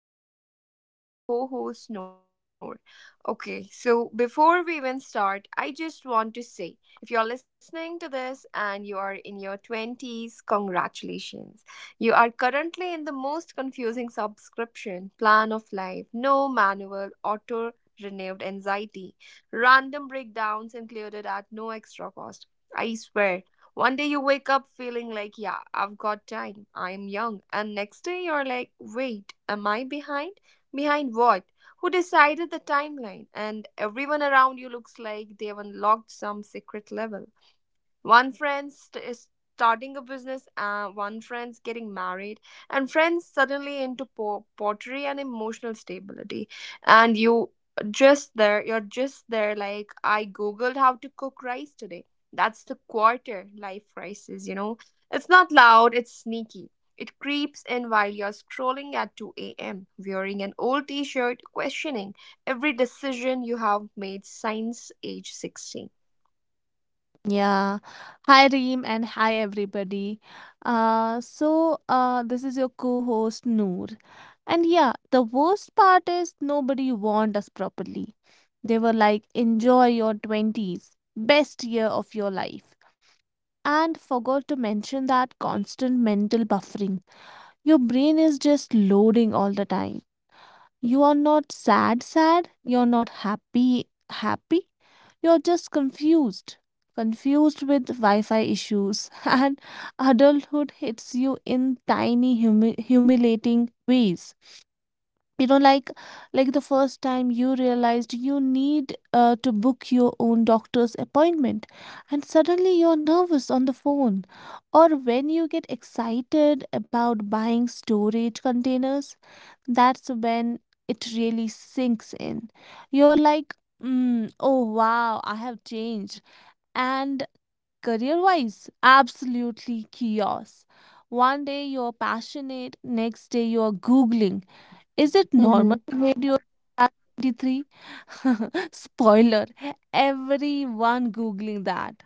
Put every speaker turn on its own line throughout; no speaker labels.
I'm your host Reem with my co host Noor. Okay, so before we even start, I just want to say if you're listening to this and you are in your 20s, congratulations. You are currently in the most confusing subscription plan of life, no manual, auto renewed anxiety, random breakdowns included at no extra cost. I swear one day you wake up feeling like, yeah, I've got time, I'm young. And next day you're like, wait, am I behind? Behind what? Who decided the timeline? And everyone around you looks like they've unlocked some secret level. One friend is starting a business, one friend's getting married, and friends suddenly into pottery and emotional stability. And you just there, you're just there. Like I googled how to cook rice today. That's the quarter life crisis. You know, it's not loud. It's sneaky. It creeps in while you're scrolling at 2 a.m., wearing an old t shirt, questioning every decision you have made since age 16.
Yeah. Hi, Reem, and hi, everybody. This is your co-host Noor. And yeah, the worst part is nobody warned us properly. They were like, enjoy your 20s, best year of your life. And forgot to mention that constant mental buffering. Your brain is just loading all the time. You are not sad, sad. You're not happy, happy. You're just confused. Confused with Wi Fi issues. And adulthood hits you in tiny, humiliating ways. You know, like the first time you realized you need to book your own doctor's appointment, and suddenly you're nervous on the phone, or when you get excited about buying storage containers, that's when it really sinks in. You're like, oh wow, I have changed. And career wise, absolutely chaos. One day you're passionate, next day you're Googling. Is it normal to hate your at 23? Spoiler, everyone Googling that.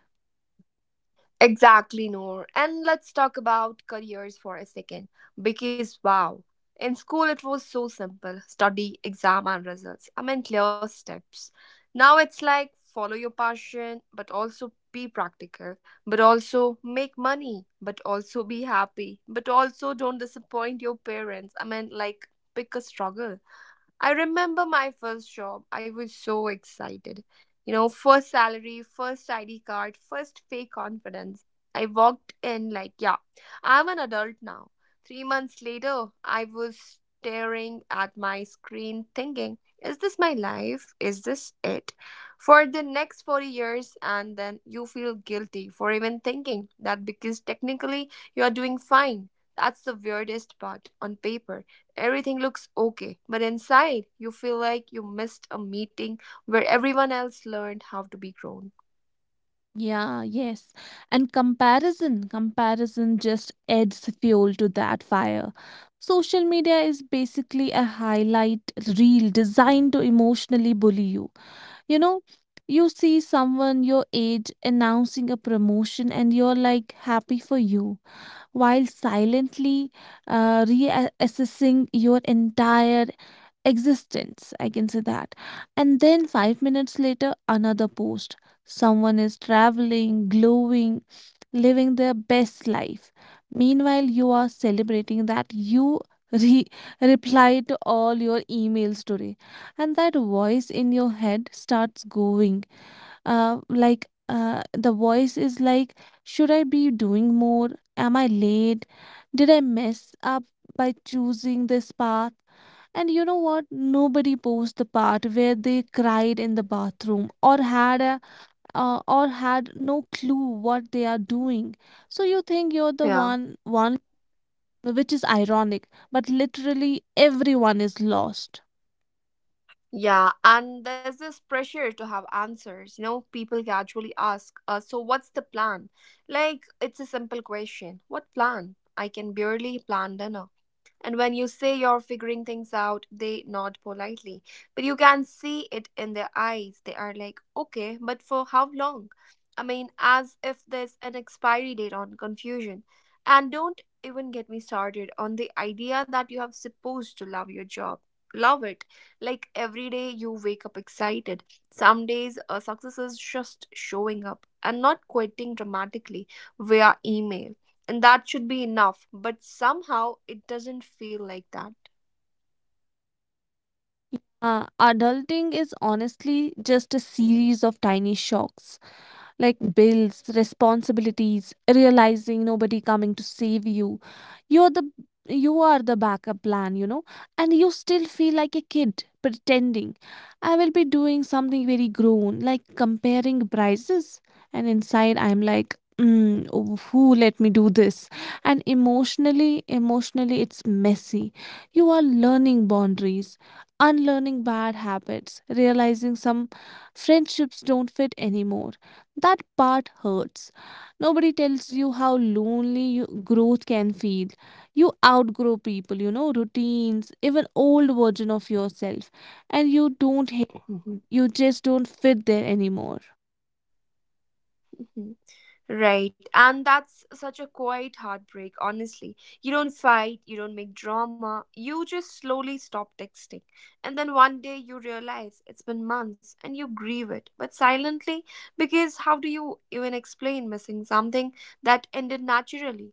Exactly, Noor. And let's talk about careers for a second. Because, wow, in school it was so simple study, exam, and results. I mean, clear steps. Now it's like follow your passion, but also be practical, but also make money, but also be happy, but also don't disappoint your parents. I mean, like, pick a struggle. I remember my first job. I was so excited. You know, first salary, first ID card, first fake confidence. I walked in like, yeah, I'm an adult now. 3 months later, I was staring at my screen thinking, is this my life? Is this it? For the next 40 years, and then you feel guilty for even thinking that because technically you are doing fine. That's the weirdest part on paper. Everything looks okay, but inside you feel like you missed a meeting where everyone else learned how to be grown.
Yeah, yes. And comparison just adds fuel to that fire. Social media is basically a highlight reel designed to emotionally bully you. You know, you see someone your age announcing a promotion and you're like happy for you, while silently reassessing your entire existence, I can say that. And then 5 minutes later another post, someone is traveling, glowing, living their best life, meanwhile you are celebrating that you re- reply to all your emails today. And that voice in your head starts going, the voice is like, should I be doing more? Am I late? Did I mess up by choosing this path? And you know what? Nobody posts the part where they cried in the bathroom or had a or had no clue what they are doing. So you think you're the
Yeah.
one, which is ironic, but literally everyone is lost.
Yeah, and there's this pressure to have answers. You know, people casually ask, so what's the plan? Like, it's a simple question. What plan? I can barely plan dinner. And when you say you're figuring things out, they nod politely. But you can see it in their eyes. They are like, okay, but for how long? I mean, as if there's an expiry date on confusion. And don't even get me started on the idea that you have supposed to love your job. Love it. Like every day you wake up excited. Some days success is just showing up and not quitting dramatically via email, and that should be enough, but somehow it doesn't feel like that.
Adulting is honestly just a series of tiny shocks. Like bills, responsibilities, realizing nobody coming to save you. You're the you are the backup plan, you know, and you still feel like a kid pretending. I will be doing something very grown, like comparing prices. And inside, I'm like, oh, who let me do this? And emotionally, it's messy. You are learning boundaries, unlearning bad habits, realizing some friendships don't fit anymore. That part hurts. Nobody tells you how lonely you, growth can feel. You outgrow people, you know, routines, even old version of yourself, and you don't hate,
Mhm.
you just don't fit there anymore.
Right. And that's such a quiet heartbreak, honestly. You don't fight, you don't make drama, you just slowly stop texting. And then one day you realize it's been months and you grieve it, but silently, because how do you even explain missing something that ended naturally?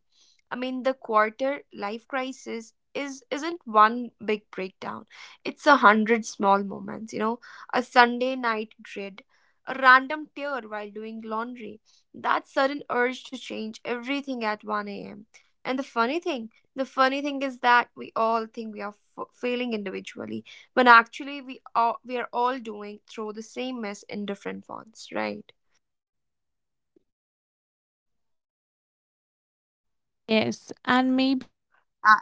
I mean, the quarter life crisis is isn't one big breakdown. It's a hundred small moments, you know, a Sunday night dread, a random tear while doing laundry, that sudden urge to change everything at 1 a.m. And the funny thing is that we all think failing individually, when actually we are all doing through the same mess in different fonts, right?
Yes, and maybe that's the part we don't say enough, you know. You're bro
Uh,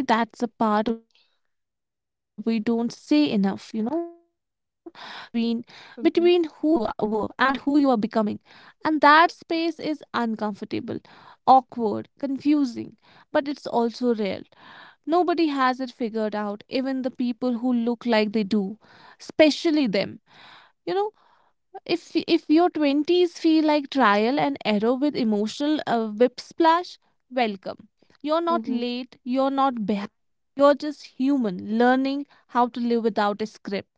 you are broken, you are just in between, between who you are, were and who you are
Mm-hmm.
becoming. And that space is uncomfortable, awkward, confusing, but it's also rare. Nobody has it figured out, even the people who look like they do, especially them. You know, if your 20s feel like trial and error with emotional whip splash, welcome. You're not late, you're not behind. You're just human learning how to live without a script.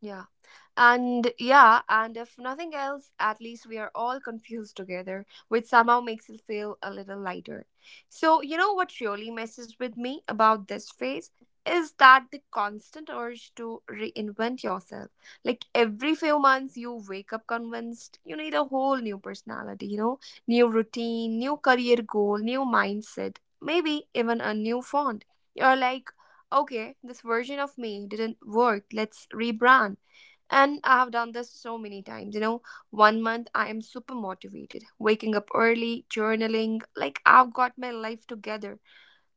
Yeah. And yeah, and if nothing else, at least we are all confused together, which somehow makes it feel a little lighter. So, you know what really messes with me about this phase is that the constant urge to reinvent yourself. Like every few months, you wake up convinced you need a whole new personality, you know, new routine, new career goal, new mindset, maybe even a new font. You're like, okay, this version of me didn't work, let's rebrand. And I've done this so many times. You know, one month I am super motivated, waking up early, journaling, like I've got my life together.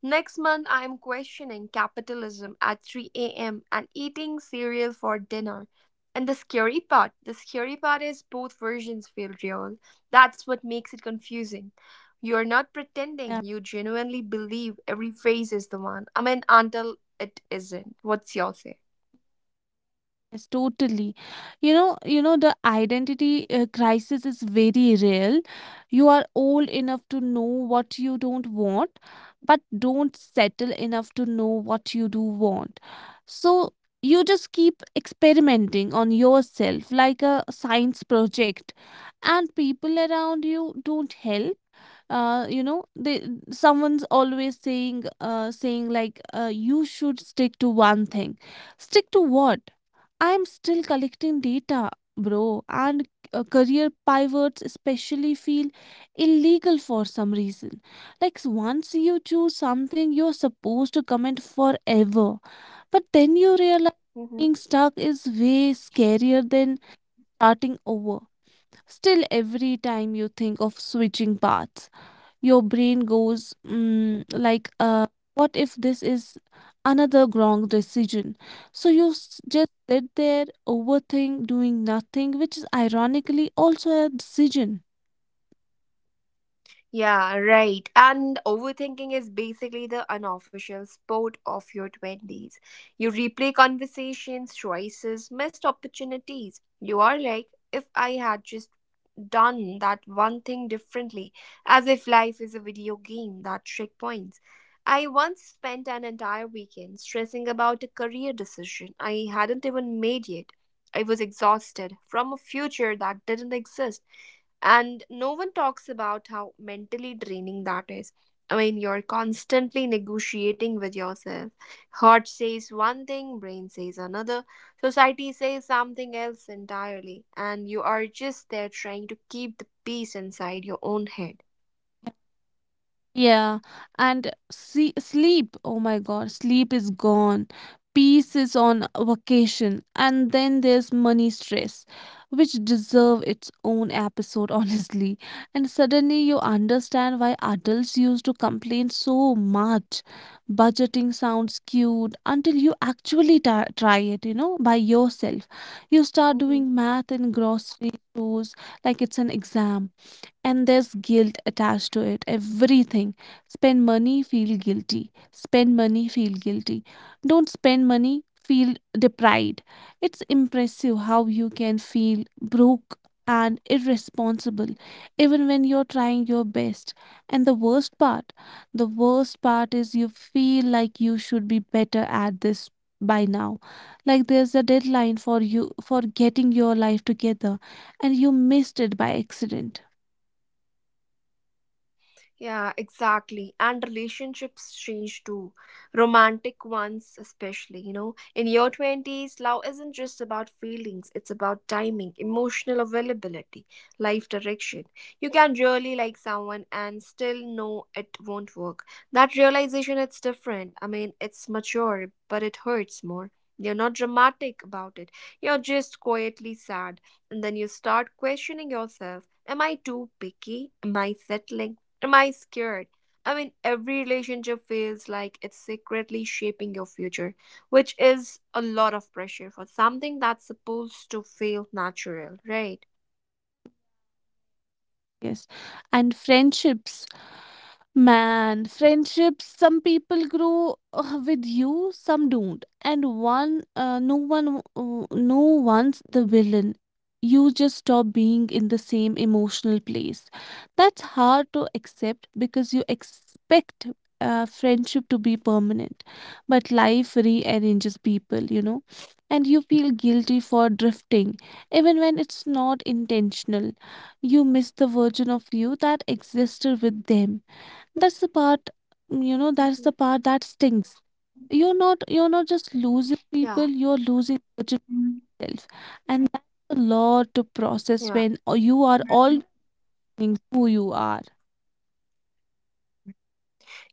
Next month I am questioning capitalism at 3 a.m. and eating cereal for dinner. And the scary part is both versions feel real. That's what makes it confusing. You're not pretending,
Yeah.
you genuinely believe every phase is the one. I mean, until it isn't. What's your say?
Yes, totally. You know the identity crisis is very real. You are old enough to know what you don't want, but don't settle enough to know what you do want. So you just keep experimenting on yourself like a science project, and people around you don't help. They someone's always saying like, you should stick to one thing. Stick to what? I'm still collecting data, bro, and career pivots especially feel illegal for some reason. Like once you choose something, you're supposed to comment forever, but then you realize
Mhm.
being stuck is way scarier than starting over. Still, every time you think of switching paths, your brain goes what if this is another wrong decision? So you just sit there overthink doing nothing, which is ironically also a decision.
Yeah, right. And overthinking is basically the unofficial sport of your 20s. You replay conversations, choices, missed opportunities. You are like, if I had just done that one thing differently, as if life is a video game that checkpoints. I once spent an entire weekend stressing about a career decision I hadn't even made yet. I was exhausted from a future that didn't exist, and no one talks about how mentally draining that is. I mean, you're constantly negotiating with yourself. Heart says one thing, brain says another, society says something else entirely, and you are just there trying to keep the peace inside your own head.
Yeah, and see, sleep. Oh my God, sleep is gone. Peace is on vacation. And then there's money stress, which deserve its own episode, honestly. And suddenly you understand why adults used to complain so much. Budgeting sounds cute until you actually ta try it, you know, by yourself. You start
Mm-hmm.
doing math in grocery stores like it's an exam, and there's guilt attached to it. Everything, spend money feel guilty, spend money feel guilty, don't spend money feel deprived. It's impressive how you can feel broke and irresponsible even when you're trying your best. And the worst part is you feel like you should be better at this by now. Like there's a deadline for you for
Hmm.
getting your life together and you missed it by accident.
Yeah, exactly. And relationships change too. Romantic ones, especially, you know. In your 20s, love isn't just about feelings, it's about timing, emotional availability, life direction. You can really like someone and still know it won't work. That realization, it's different. I mean, it's mature, but it hurts more. You're not dramatic about it. You're just quietly sad, and then you start questioning yourself, am I too picky, am I settling, am I scared? I mean, every relationship feels like it's secretly shaping your future, which is a lot of pressure for something that's supposed to feel natural, right?
Yes. And friendships, man, friendships, some people grow with you, some don't. And no one's the villain. You just stop being in the same emotional place. That's hard to accept because you expect friendship to be permanent. But life rearranges people, you know. And you feel guilty for drifting, even when it's not intentional. You miss the version of you that existed with them. that's the part, that's
Hmm.
the part that stings. You're not just losing people,
Yeah,
you're losing your
Mhm.
yourself. And that's a lot to process
Yeah.
when you are all knowing who you are.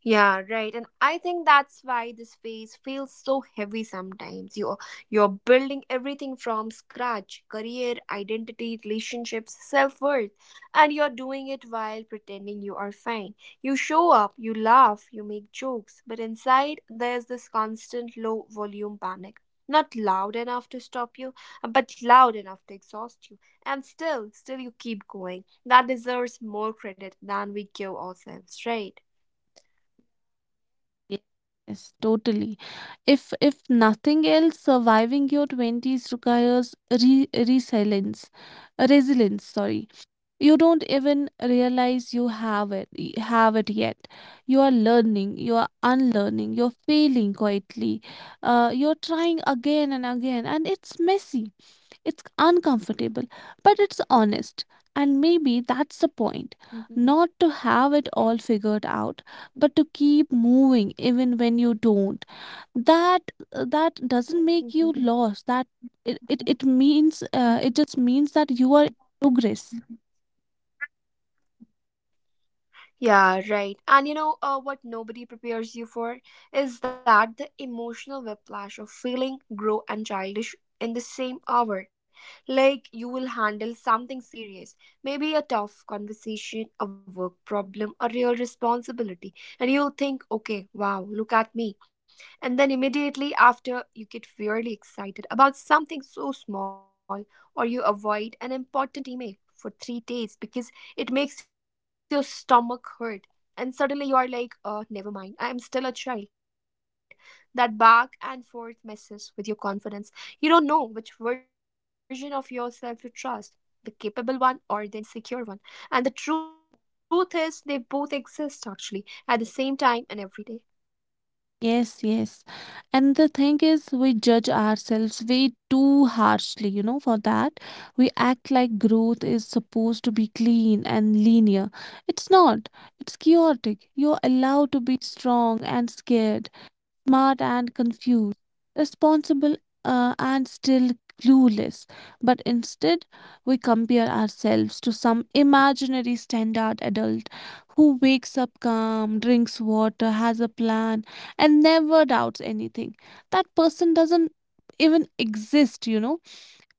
Yeah, right. And I think that's why this phase feels so heavy sometimes. You're building everything from scratch, career, identity, relationships, self-worth, and you're doing it while pretending you are fine. You show up, you laugh, you make jokes, but inside there's this constant low volume panic. Not loud enough to stop you, but loud enough to exhaust you. And still, still you keep going. That deserves more credit than we give ourselves, right?
Ye- Yes, totally. If nothing else, surviving your twenties requires re resilience, resilience, sorry. You don't even realize you have it yet. You are learning, you are unlearning, you're failing quietly, you're trying again and again, and it's messy, it's uncomfortable, but it's honest. And maybe that's the point,
嗯哼，
not to have it all figured out but to keep moving even when you don't. That uh, that doesn't make you
嗯
lost. That it, it, it means uh, it just means that you are in progress.
哼。Yeah, right. And you know what nobody prepares you for is that the emotional whiplash of feeling grow and childish in the same hour. Like you will handle something serious, maybe a tough conversation, a work problem, a real responsibility, and you'll think, okay, wow, look at me. And then immediately after, you get weirdly excited about something so small, or you avoid an important email for 3 days because it makes your stomach hurt, and suddenly you are like, never mind, I am still a child. That back and forth messes with your confidence. You don't know which version of yourself to trust, the capable one or the insecure one. And the truth is they both exist actually at the same time and every day.
Yes, yes. And the thing is, we judge ourselves way too harshly, you know, for that. We act like growth is supposed to be clean and linear. It's not, it's chaotic. You're allowed to be strong and scared, smart and confused, responsible and still clueless. But instead, we compare ourselves to some imaginary standard adult who wakes up calm, drinks water, has a plan, and never doubts anything. That person doesn't even exist, you know,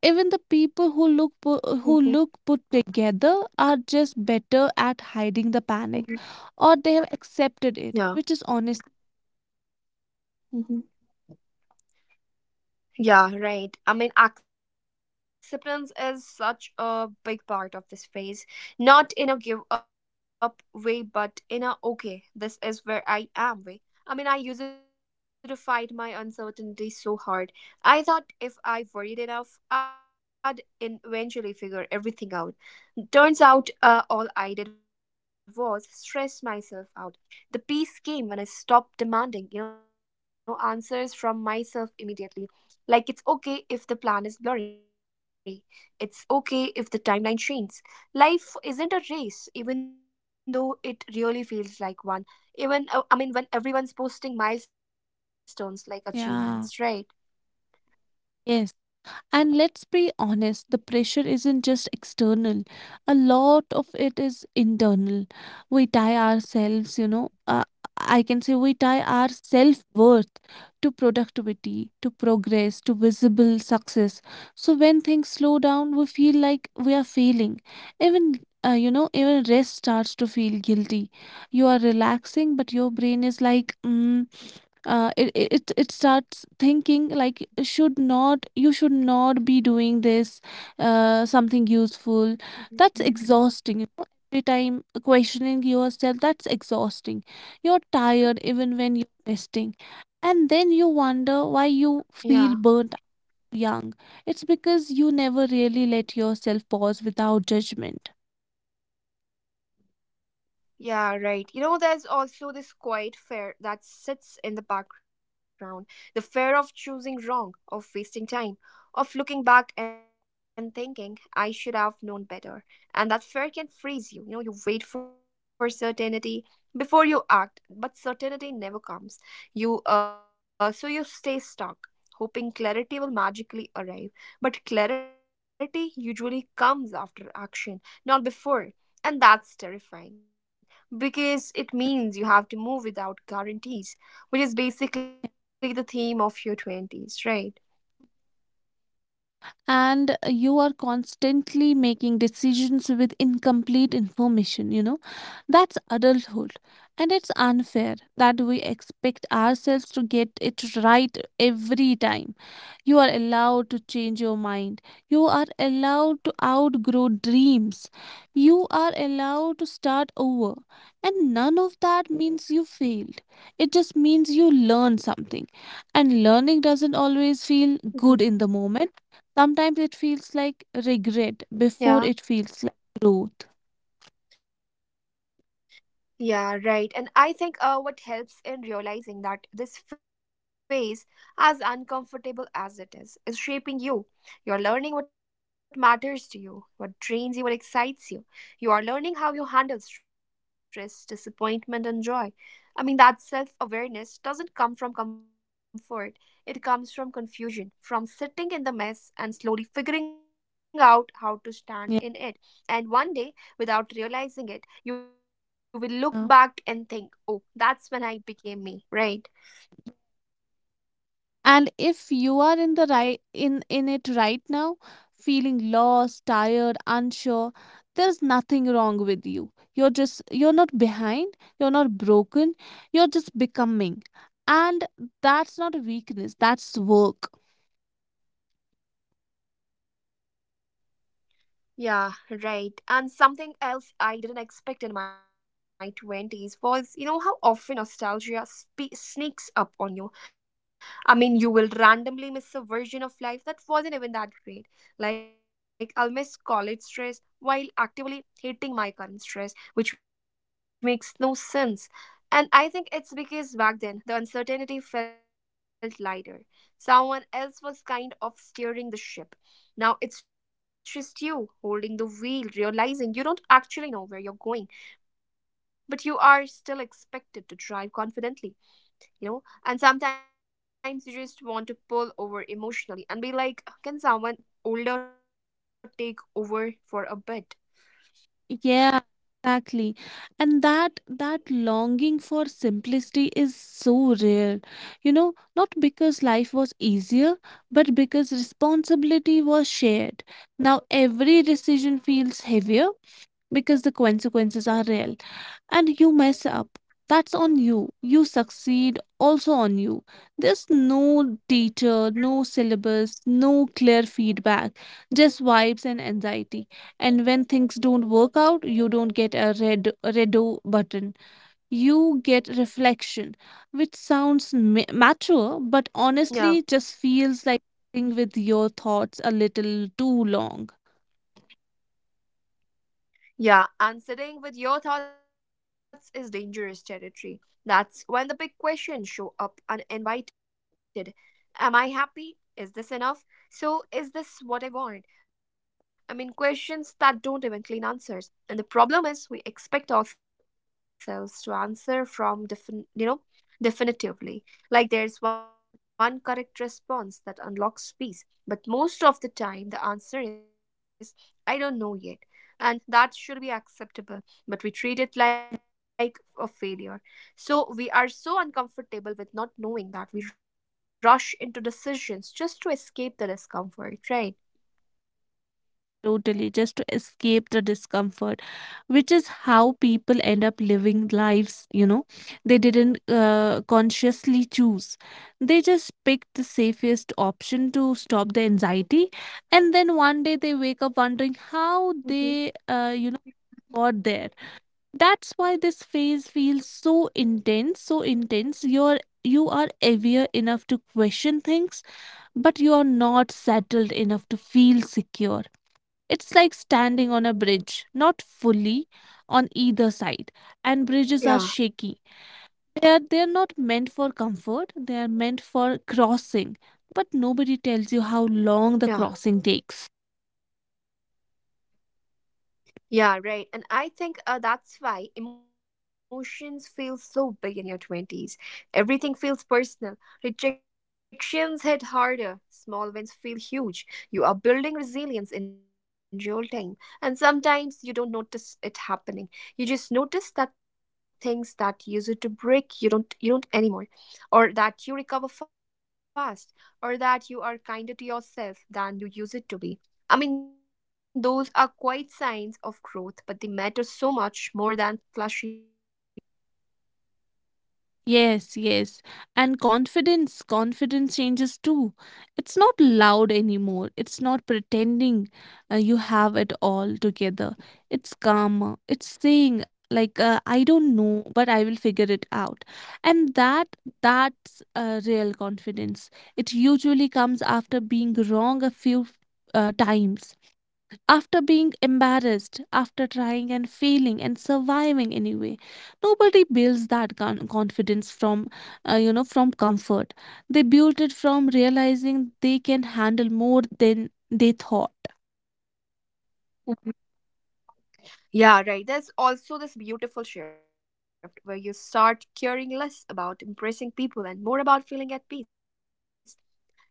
even the people who look who look
Mhm.
put together are just better at hiding the panic,
Mhm.
or they have accepted it which is honest.
Yeah. Mhm. Yeah, right. I mean, acceptance is such a big part of this phase. Not in a give up way, but in a okay, this is where I am way. I mean, I used to fight my uncertainty so hard. I thought if I worried enough, I'd eventually figure everything out. Turns out, all I did was stress myself out. The peace came when I stopped demanding, you know, answers from myself immediately, like, it's okay if the plan is blurry. It's okay if the timeline changes. Life isn't a race, even though it really feels like one. I mean, when everyone's posting milestones like
Yeah,
achievements, right?
yes. And let's be honest, the pressure isn't just external. A lot of it is internal. We tie ourselves, you know, I can say we tie our self worth to productivity, to progress, to visible success. So when things slow down, we feel like we are failing. Even, even rest starts to feel guilty. You are relaxing, but your brain is like, mm it, it it starts thinking like, should not be doing this, something useful. That's
Mhm.
exhausting, you know, every time questioning yourself, that's exhausting. You're tired even when you're resting, and then you wonder why you feel
Yeah.
burnt young. It's because you never really let yourself pause without judgment.
Yeah, right. You know, there's also this quiet fear that sits in the background, the fear of choosing wrong, of wasting time, of looking back and thinking, I should have known better. And that fear can freeze you. You know, you wait for certainty before you act, but certainty never comes. So you stay stuck, hoping clarity will magically arrive. But clarity usually comes after action, not before, and that's terrifying because it means you have to move without guarantees, which is basically the theme of your 20s, right?
And you are constantly making decisions with incomplete information, you know, that's adulthood. And it's unfair that we expect ourselves to get it right every time. You are allowed to change your mind, you are allowed to outgrow dreams, you are allowed to start over, and none of that means you failed. It just means you learned something, and learning doesn't always feel good in the
Mhm.
moment. Sometimes it feels like regret
Yeah.
before it feels like growth.
Yeah, right. And I think what helps in realizing that this phase, as uncomfortable as it is shaping you. You're learning what matters to you, what drains you, what excites you. You are learning how you handle stress, disappointment, and joy. I mean, that self awareness doesn't come from comfort, it comes from confusion, from sitting in the mess and slowly figuring out how to stand in it. And one day, without realizing it, you will look
Yeah.
back and think, oh, that's when I became me, right?
And if you are in the right in it right now, feeling lost, tired, unsure, there's nothing wrong with you. You're just you're not behind, you're not broken, you're just becoming. And that's not a weakness, that's work.
Yeah, right. And something else I didn't expect in my 20s was, you know, how often nostalgia sneaks up on you. I mean, you will randomly miss a version of life that wasn't even that great. Like, I'll miss college stress while actively hating my current stress, which makes no sense. And I think it's because back then the uncertainty felt lighter. Someone else was kind of steering the ship. Now it's just you holding the wheel, realizing you don't actually know where you're going, but you are still expected to drive confidently, you know? And sometimes you just want to pull over emotionally and be like, can someone older take over for a bit?
Yeah, exactly. And that longing for simplicity is so rare. You know, not because life was easier, but because responsibility was shared. Now every decision feels heavier because the consequences are real and you mess up. That's on you. You succeed also on you. There's no teacher, no syllabus, no clear feedback, just vibes and anxiety. And when things don't work out, you don't get a redo button. You get
Mhm.
reflection, which sounds mature, but honestly
Yeah.
just feels like sitting with your thoughts a little too long.
Yeah, and sitting with your thoughts is dangerous territory. That's when the big questions show up uninvited. Am I happy? Is this enough? So, is this what I want? I mean, questions that don't even claim answers. And the problem is, we expect ourselves to answer from different, definitively. Like there's one correct response that unlocks peace, but most of the time the answer is, I don't know yet. And that should be acceptable, but we treat it like a failure. So we are so uncomfortable with not knowing that we rush into decisions just to escape the discomfort, right?
Totally, just to escape the discomfort, which is how people end up living lives, you know, they didn't consciously choose. They just picked the safest option to stop the anxiety. And then one day they wake up wondering how
Mhm.
they, got there. That's why this phase feels so intense. You are aware enough to question things, but you are not settled enough to feel secure. It's like standing on a bridge, not fully on either side. And bridges are
Yeah,
shaky. They're not meant for comfort, they are meant for crossing. But nobody tells you how long the crossing takes.
yeah. Yeah, right. And I think that's why emotions feel so big in your 20s. Everything feels personal. Rejections hit harder. Small wins feel huge. You are building resilience in real time. And sometimes you don't notice it happening. You just notice that things that used to break, you don't anymore. Or that you recover fast. Or that you are kinder to yourself than you used to be. I mean, those are quite signs of growth, but they matter so much more than flashy milestones, right?
Yes, yes. And confidence changes too. It's not loud anymore. It's not pretending you have it all together. It's calmer. It's saying, like, I don't know, but I will figure it out. And that's real confidence. It usually comes after being wrong a few times, after being embarrassed, after trying and failing and surviving anyway. Nobody builds that confidence from, from comfort. They build it from realizing they can handle more than they thought.
Mhm. Yeah, right. There's also this beautiful shift where you start caring less about impressing people and more about feeling at peace.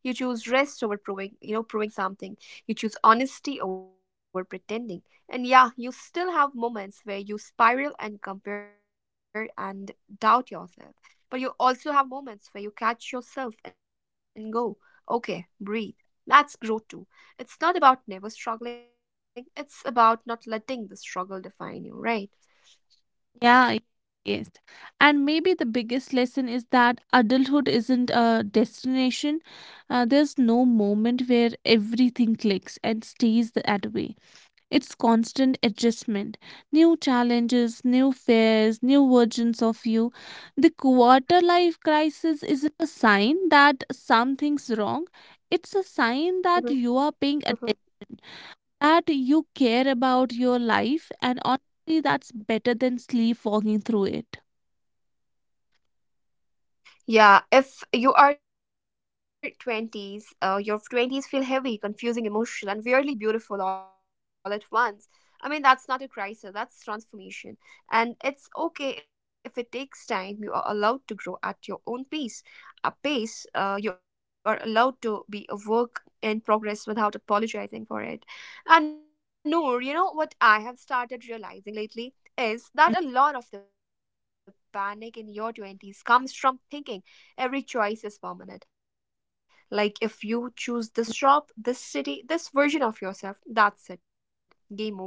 You choose rest over proving, proving something. You choose honesty over pretending. And yeah, you still have moments where you spiral and compare and doubt yourself. But you also have moments where you catch yourself and go, okay, breathe. That's growth too. It's not about never struggling, it's about not letting the struggle define you, right?
Yeah, yes. And maybe the biggest lesson is that adulthood isn't a destination. There's no moment where everything clicks and stays that way. It's constant adjustment, new challenges, new fears, new versions of you. The quarter life crisis isn't a sign that something's wrong, it's a sign that you are
Mhm,
paying attention,
mhm.
that you care about your life, and honestly, that's better than sleepwalking through it.
Yeah, if you are 20s, your 20s feel heavy, confusing, emotional, and weirdly beautiful all at once. I mean, that's not a crisis, that's transformation. And it's okay if it takes time. You are allowed to grow at your own pace. A pace, you are allowed to be a work in progress without apologizing for it. And Noor, you know what I have started realizing lately is that a lot of the panic in your 20s comes from thinking every choice is permanent. Like if you choose this shop, this city, this version of yourself, that's it. Game over.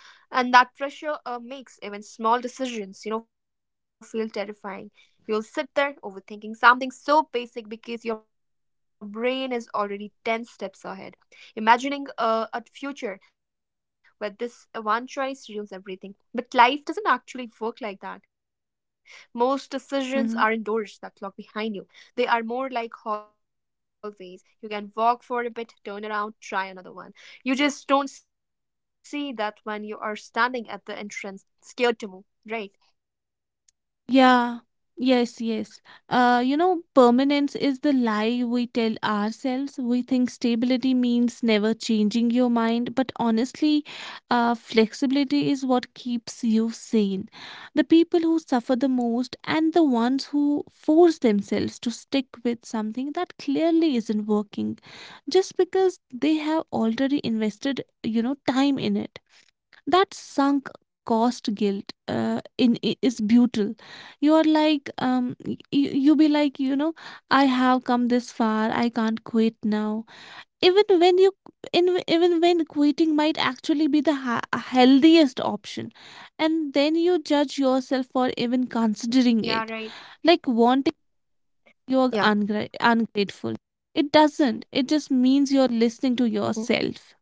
And that pressure makes even small decisions, feel terrifying. You'll sit there overthinking something so basic because your brain is already 10 steps ahead, imagining a future where this one choice ruins everything. But life doesn't actually work like that. Most decisions are
Mhm.
indoors that lock behind you. They are more like hallways. You can walk for a bit, turn around, try another one. You just don't see that when you are standing at the entrance, scared to move. Right?
Yeah, yes, yes. Permanence is the lie we tell ourselves. We think stability means never changing your mind, but honestly, flexibility is what keeps you sane. The people who suffer the most and the ones who force themselves to stick with something that clearly isn't working just because they have already invested, you know, time in it, that sunk cost guilt is brutal. You're like you be like, you know, I have come this far, I can't quit now, even when you in even when quitting might actually be the healthiest option. And then you judge yourself for even
Yeah, right.
considering it, like wanting you're
Yeah.
ungrateful. It doesn't. It just means you're listening to
Hmm.
yourself.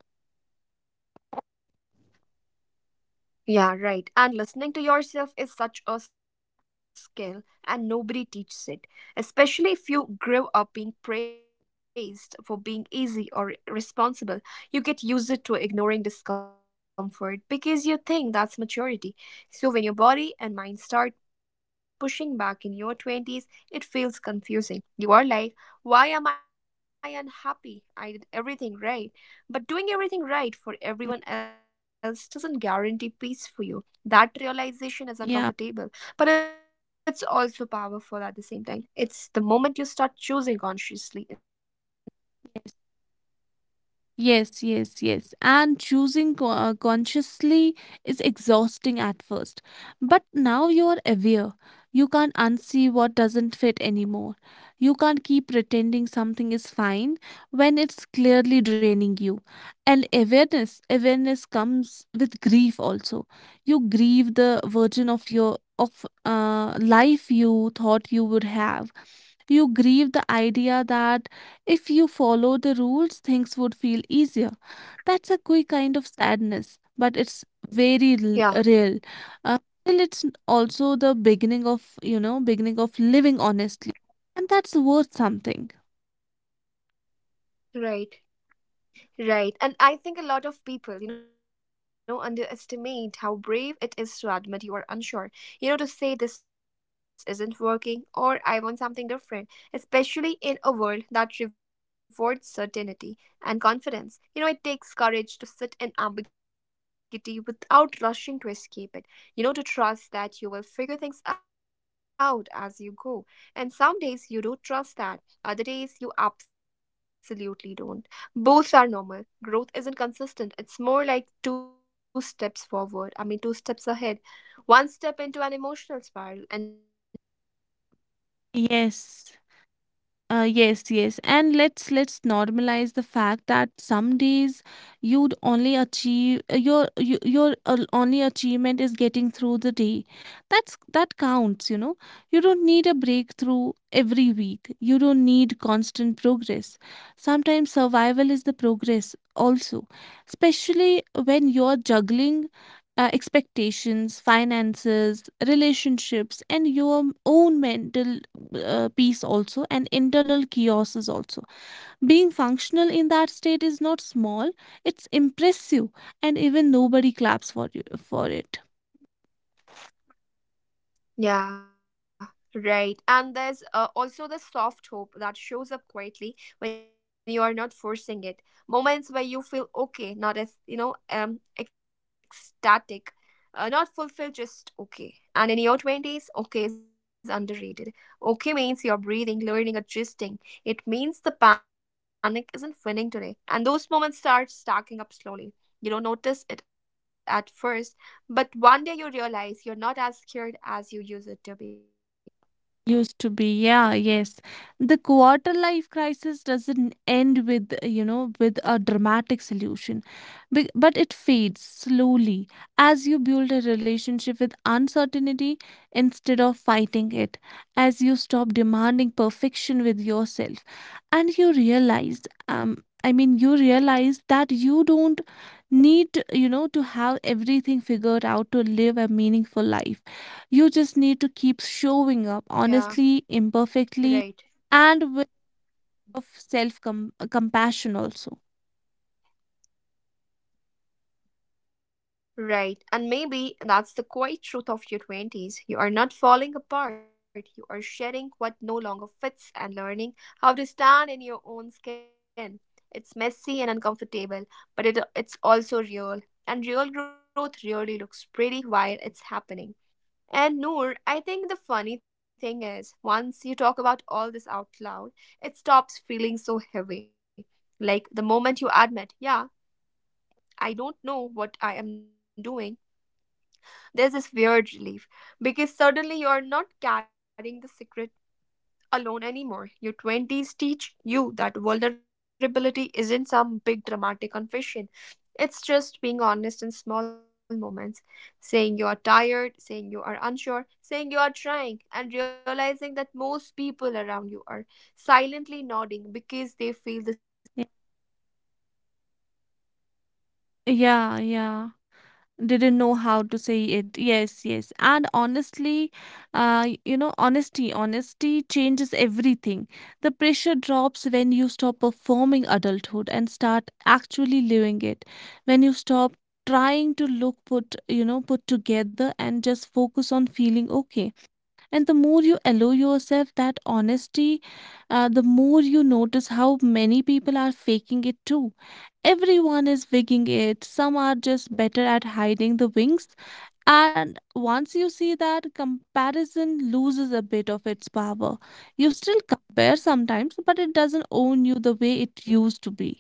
Yeah, right. And listening to yourself is such a skill, and nobody teaches it, especially if you grew up being praised for being easy or responsible. You get used to ignoring discomfort because you think that's maturity. So, when your body and mind start pushing back in your 20s, it feels confusing. You are like, why am I unhappy? I did everything right. But doing everything right for
Mm.
everyone else doesn't guarantee peace for you. That realization is
Yeah.
uncomfortable, but it's also powerful at the same time. It's the moment you start choosing consciously instead of automatically, right?
Yes, yes, yes. And choosing consciously is exhausting at first. But now you are aware. You can't unsee what doesn't fit anymore. You can't keep pretending something is fine when it's clearly draining you. And awareness comes with grief also. You grieve the version of your of life you thought you would have. You grieve the idea that if you follow the rules, things would feel easier. That's a quick kind of sadness, but it's
Yeah,
very real. Uh, and it's also the beginning of, beginning of living honestly. And that's worth something.
right. Right. And I think a lot of people, you know, underestimate how brave it is to admit you are unsure. You know, to say this isn't working or I want something different, especially in a world that rewards certainty and confidence. You know, it takes courage to sit in ambiguity without rushing to escape it. You know, to trust that you will figure things out as you go. And some days you do trust that, other days you absolutely don't. Both are normal. Growth isn't consistent. It's more like two steps forward, I mean, two steps ahead, one step into an emotional spiral, and then forward again,
Yes.
right?
Yes, yes. And let's normalize the fact that some days you'd only achieve your you, your only achievement is getting through the day. That's that counts, you know. You don't need a breakthrough every week. You don't need constant progress. Sometimes survival is the progress also, especially when you're juggling expectations, finances, relationships, and your own mental peace also, and internal chaoses also. Being functional in
Mhm.
that state is not small; it's impressive, and even nobody claps for you for it.
Yeah, right. And there's also the soft hope that shows up quietly when you are not forcing it. Moments where you feel okay, not as, ecstatic, not fulfilled, just okay. And in your 20s, okay is underrated. Okay means you're breathing, learning, adjusting. It means the panic isn't winning today. And those moments start stacking up slowly. You don't notice it at first, but one day you realize you're not as scared as you used it to be. Right.
Used to be, yeah, yes. The quarter life crisis doesn't end with, with a dramatic solution, but it fades slowly as you build a relationship with uncertainty instead of fighting it, as you stop demanding perfection with yourself, and you realize, you realize that you don't need, you know, to have everything figured out to live a meaningful life. You just need to keep showing up
Yeah.
honestly, imperfectly,
Right.
and with of self compassion also.
Right. And maybe that's the quiet truth of your 20s. You are not falling apart. You are shedding what no longer fits and learning how to stand in your own skin. It's messy and uncomfortable, but it's also real. And real growth really looks pretty while it's happening. And Noor, I think the funny thing is, once you talk about all this out loud, it stops feeling so heavy. Like the moment you admit, yeah, I don't know what I am doing, there's this weird relief because suddenly you're not carrying the secret alone anymore. Your 20s teach you that vulnerability isn't some big dramatic confession. It's just being honest in small moments, saying you are tired, saying you are unsure, saying you are trying, and realizing that most people around you are silently nodding because they feel the
Y-
same way but didn't know how to say it, right?
Yeah, yeah. Didn't know how to say it. Yes, yes. And honestly, honesty changes everything. The pressure drops when you stop performing adulthood and start actually living it. When you stop trying to look put, you know, put together and just focus on feeling okay. And the more you allow yourself that honesty, the more you notice how many people are faking it too. Everyone is wigging it, some are just better at hiding the wings. And once you see that, comparison loses a bit of its power. You still compare sometimes, but it doesn't own you the way it used to be.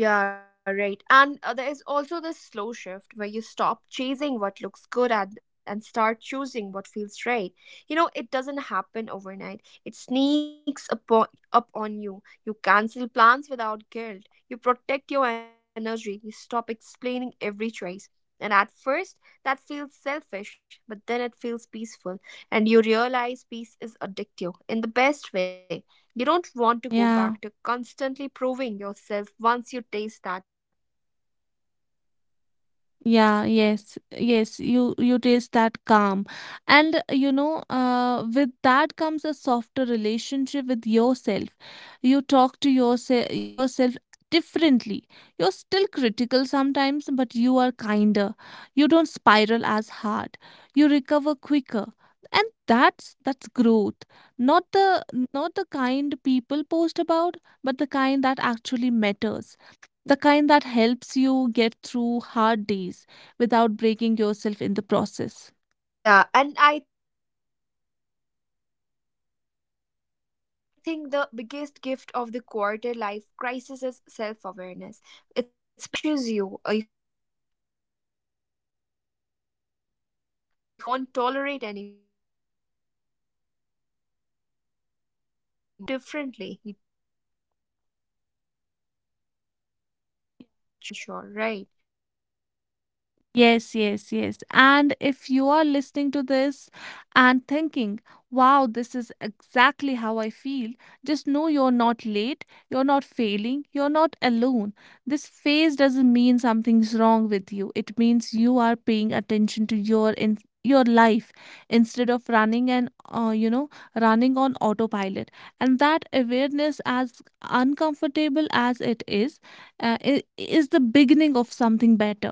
Yeah, right. And there is also this slow shift where you stop chasing what looks good and start choosing what feels right. You know, it doesn't happen overnight. It sneaks up on you. You cancel plans without guilt. You protect your energy. You stop explaining every choice. And at first, that feels selfish, but then it feels peaceful. And you realize peace is addictive in the best way. You don't want to go back to
Yeah.
constantly proving yourself once you taste that calm.
Yeah, yes, yes, you taste that calm. And you know, with that comes a softer relationship with yourself. You talk to yourself differently. You're still critical sometimes, but you are kinder. You don't spiral as hard. You recover quicker. And that's growth. Not the Not the kind people post about, but the kind that actually matters, the kind that helps you get through hard days without breaking yourself in the process.
Yeah, and I think the biggest gift of the quarter life crisis is self awareness. It's painful, yes, uncomfortable, definitely, but it teaches you who you are when things aren't easy, what you need, what you won't tolerate anymore. And once you learn that, you can't unlearn it. You move differently, you choose differently, you live more intentionally, even when you are unsure, right?
Yes, yes, yes. And if you are listening to this and thinking, wow, this is exactly how I feel, just know you're not late, you're not failing, you're not alone. This phase doesn't mean something's wrong with you. It means you are paying attention to your life instead of running and running on autopilot. And that awareness, as uncomfortable as it is,
Mm-hmm.
is the beginning of something better.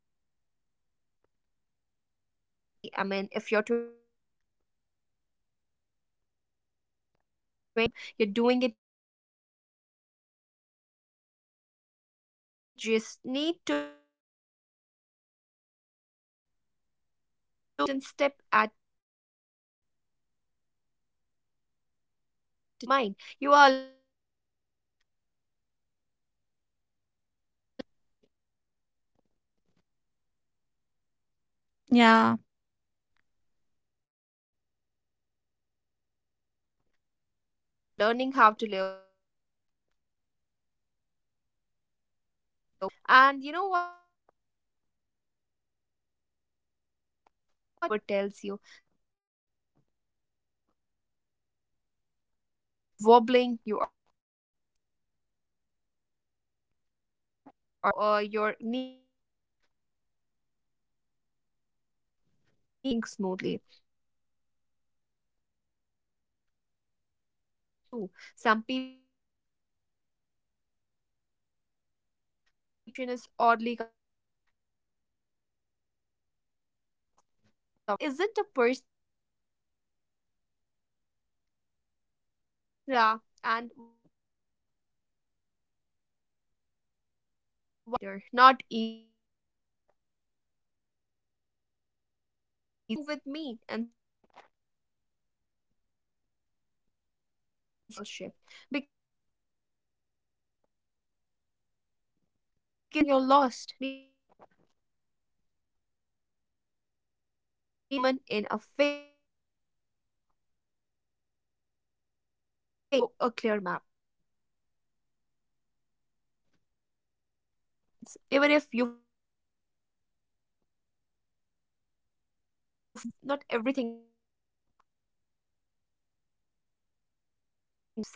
So if you are 20s feel messy, I mean if your 20 feels 20s feel messy, confusing and emotional, so welcome. You're doing it right. You don't need to rush your way out of this phase. You just need to move through it honestly, one decision at a time, one certain step at a time. You are allowed to grow slowly. You are allowed to change your mind. You are allowed to become. So
Yeah.
So be gentle with yourself. You are learning how to live without a blueprint. And that's not a crisis, that's courage. And you know what I keep coming back to is the fact that nobody ever tells you that your 20s are basically emotional training wheels. You are wobbling, you are falling, you are scraping your knees, and the whole time you are convinced everyone else is riding smoothly, but later you realize, nah, everyone is was wobbling too. Some people just hide the bruises better. And I think that realization is oddly comforting. It takes the shame out of struggling because struggle isn't a personal failure, it's part of learning how to balance. So, yeah, and once that shame loosens its grip, life gets a little lighter. Not easier, but lighter. You stop asking, what's wrong with me? And start asking, what do I need right now? And that's such a powerful shift because needing rest doesn't mean you are lazy. Needing clarity doesn't mean you're lost. Needing time doesn't mean you are behind. It just means you are human in a phase that demands a lot from you without giving you a clear map. I also love how this phase slowly teaches you patience. Even if you fight it at first, you start understanding that not everything needs an immediate solution.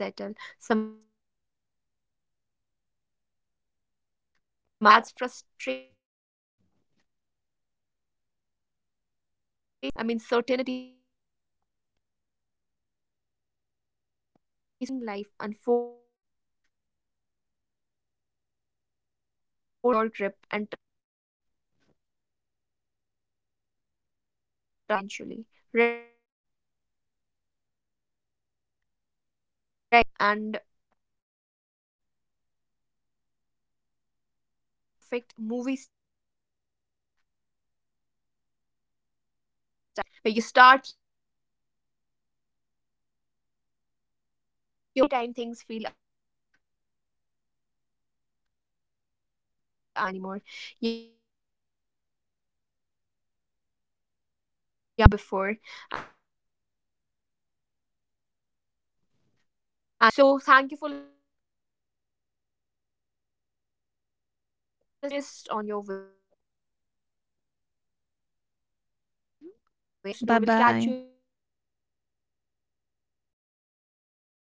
Some things just need time to settle. Some answers come only after you have lived a little more. And that's frustrating, especially when you want certainly so badly. I mean, certainty so badly. But there's also something freeing about letting life unfold instead of forcing it, like loosening your grip and trusting that you'll land somewhere that makes sense eventually, right? And you do land, not in some perfect movie style ending, but in a place where you feel more like yourself, where you start your instincts a bit more, where you don't panic every time things feel unclear. You still have doubts, sure, but they don't control you anymore. You have been through enough to know that uncertainty didn't destroy you before, and it probably won't this time either. So, thank you for listening to us. You're not late, you're not lost, you're just on your way, and that's more than enough. This was your host, Stream, with my co host, Noor.
Bye
We'll catch you in
bye.
the next episode. Till then, bye bye.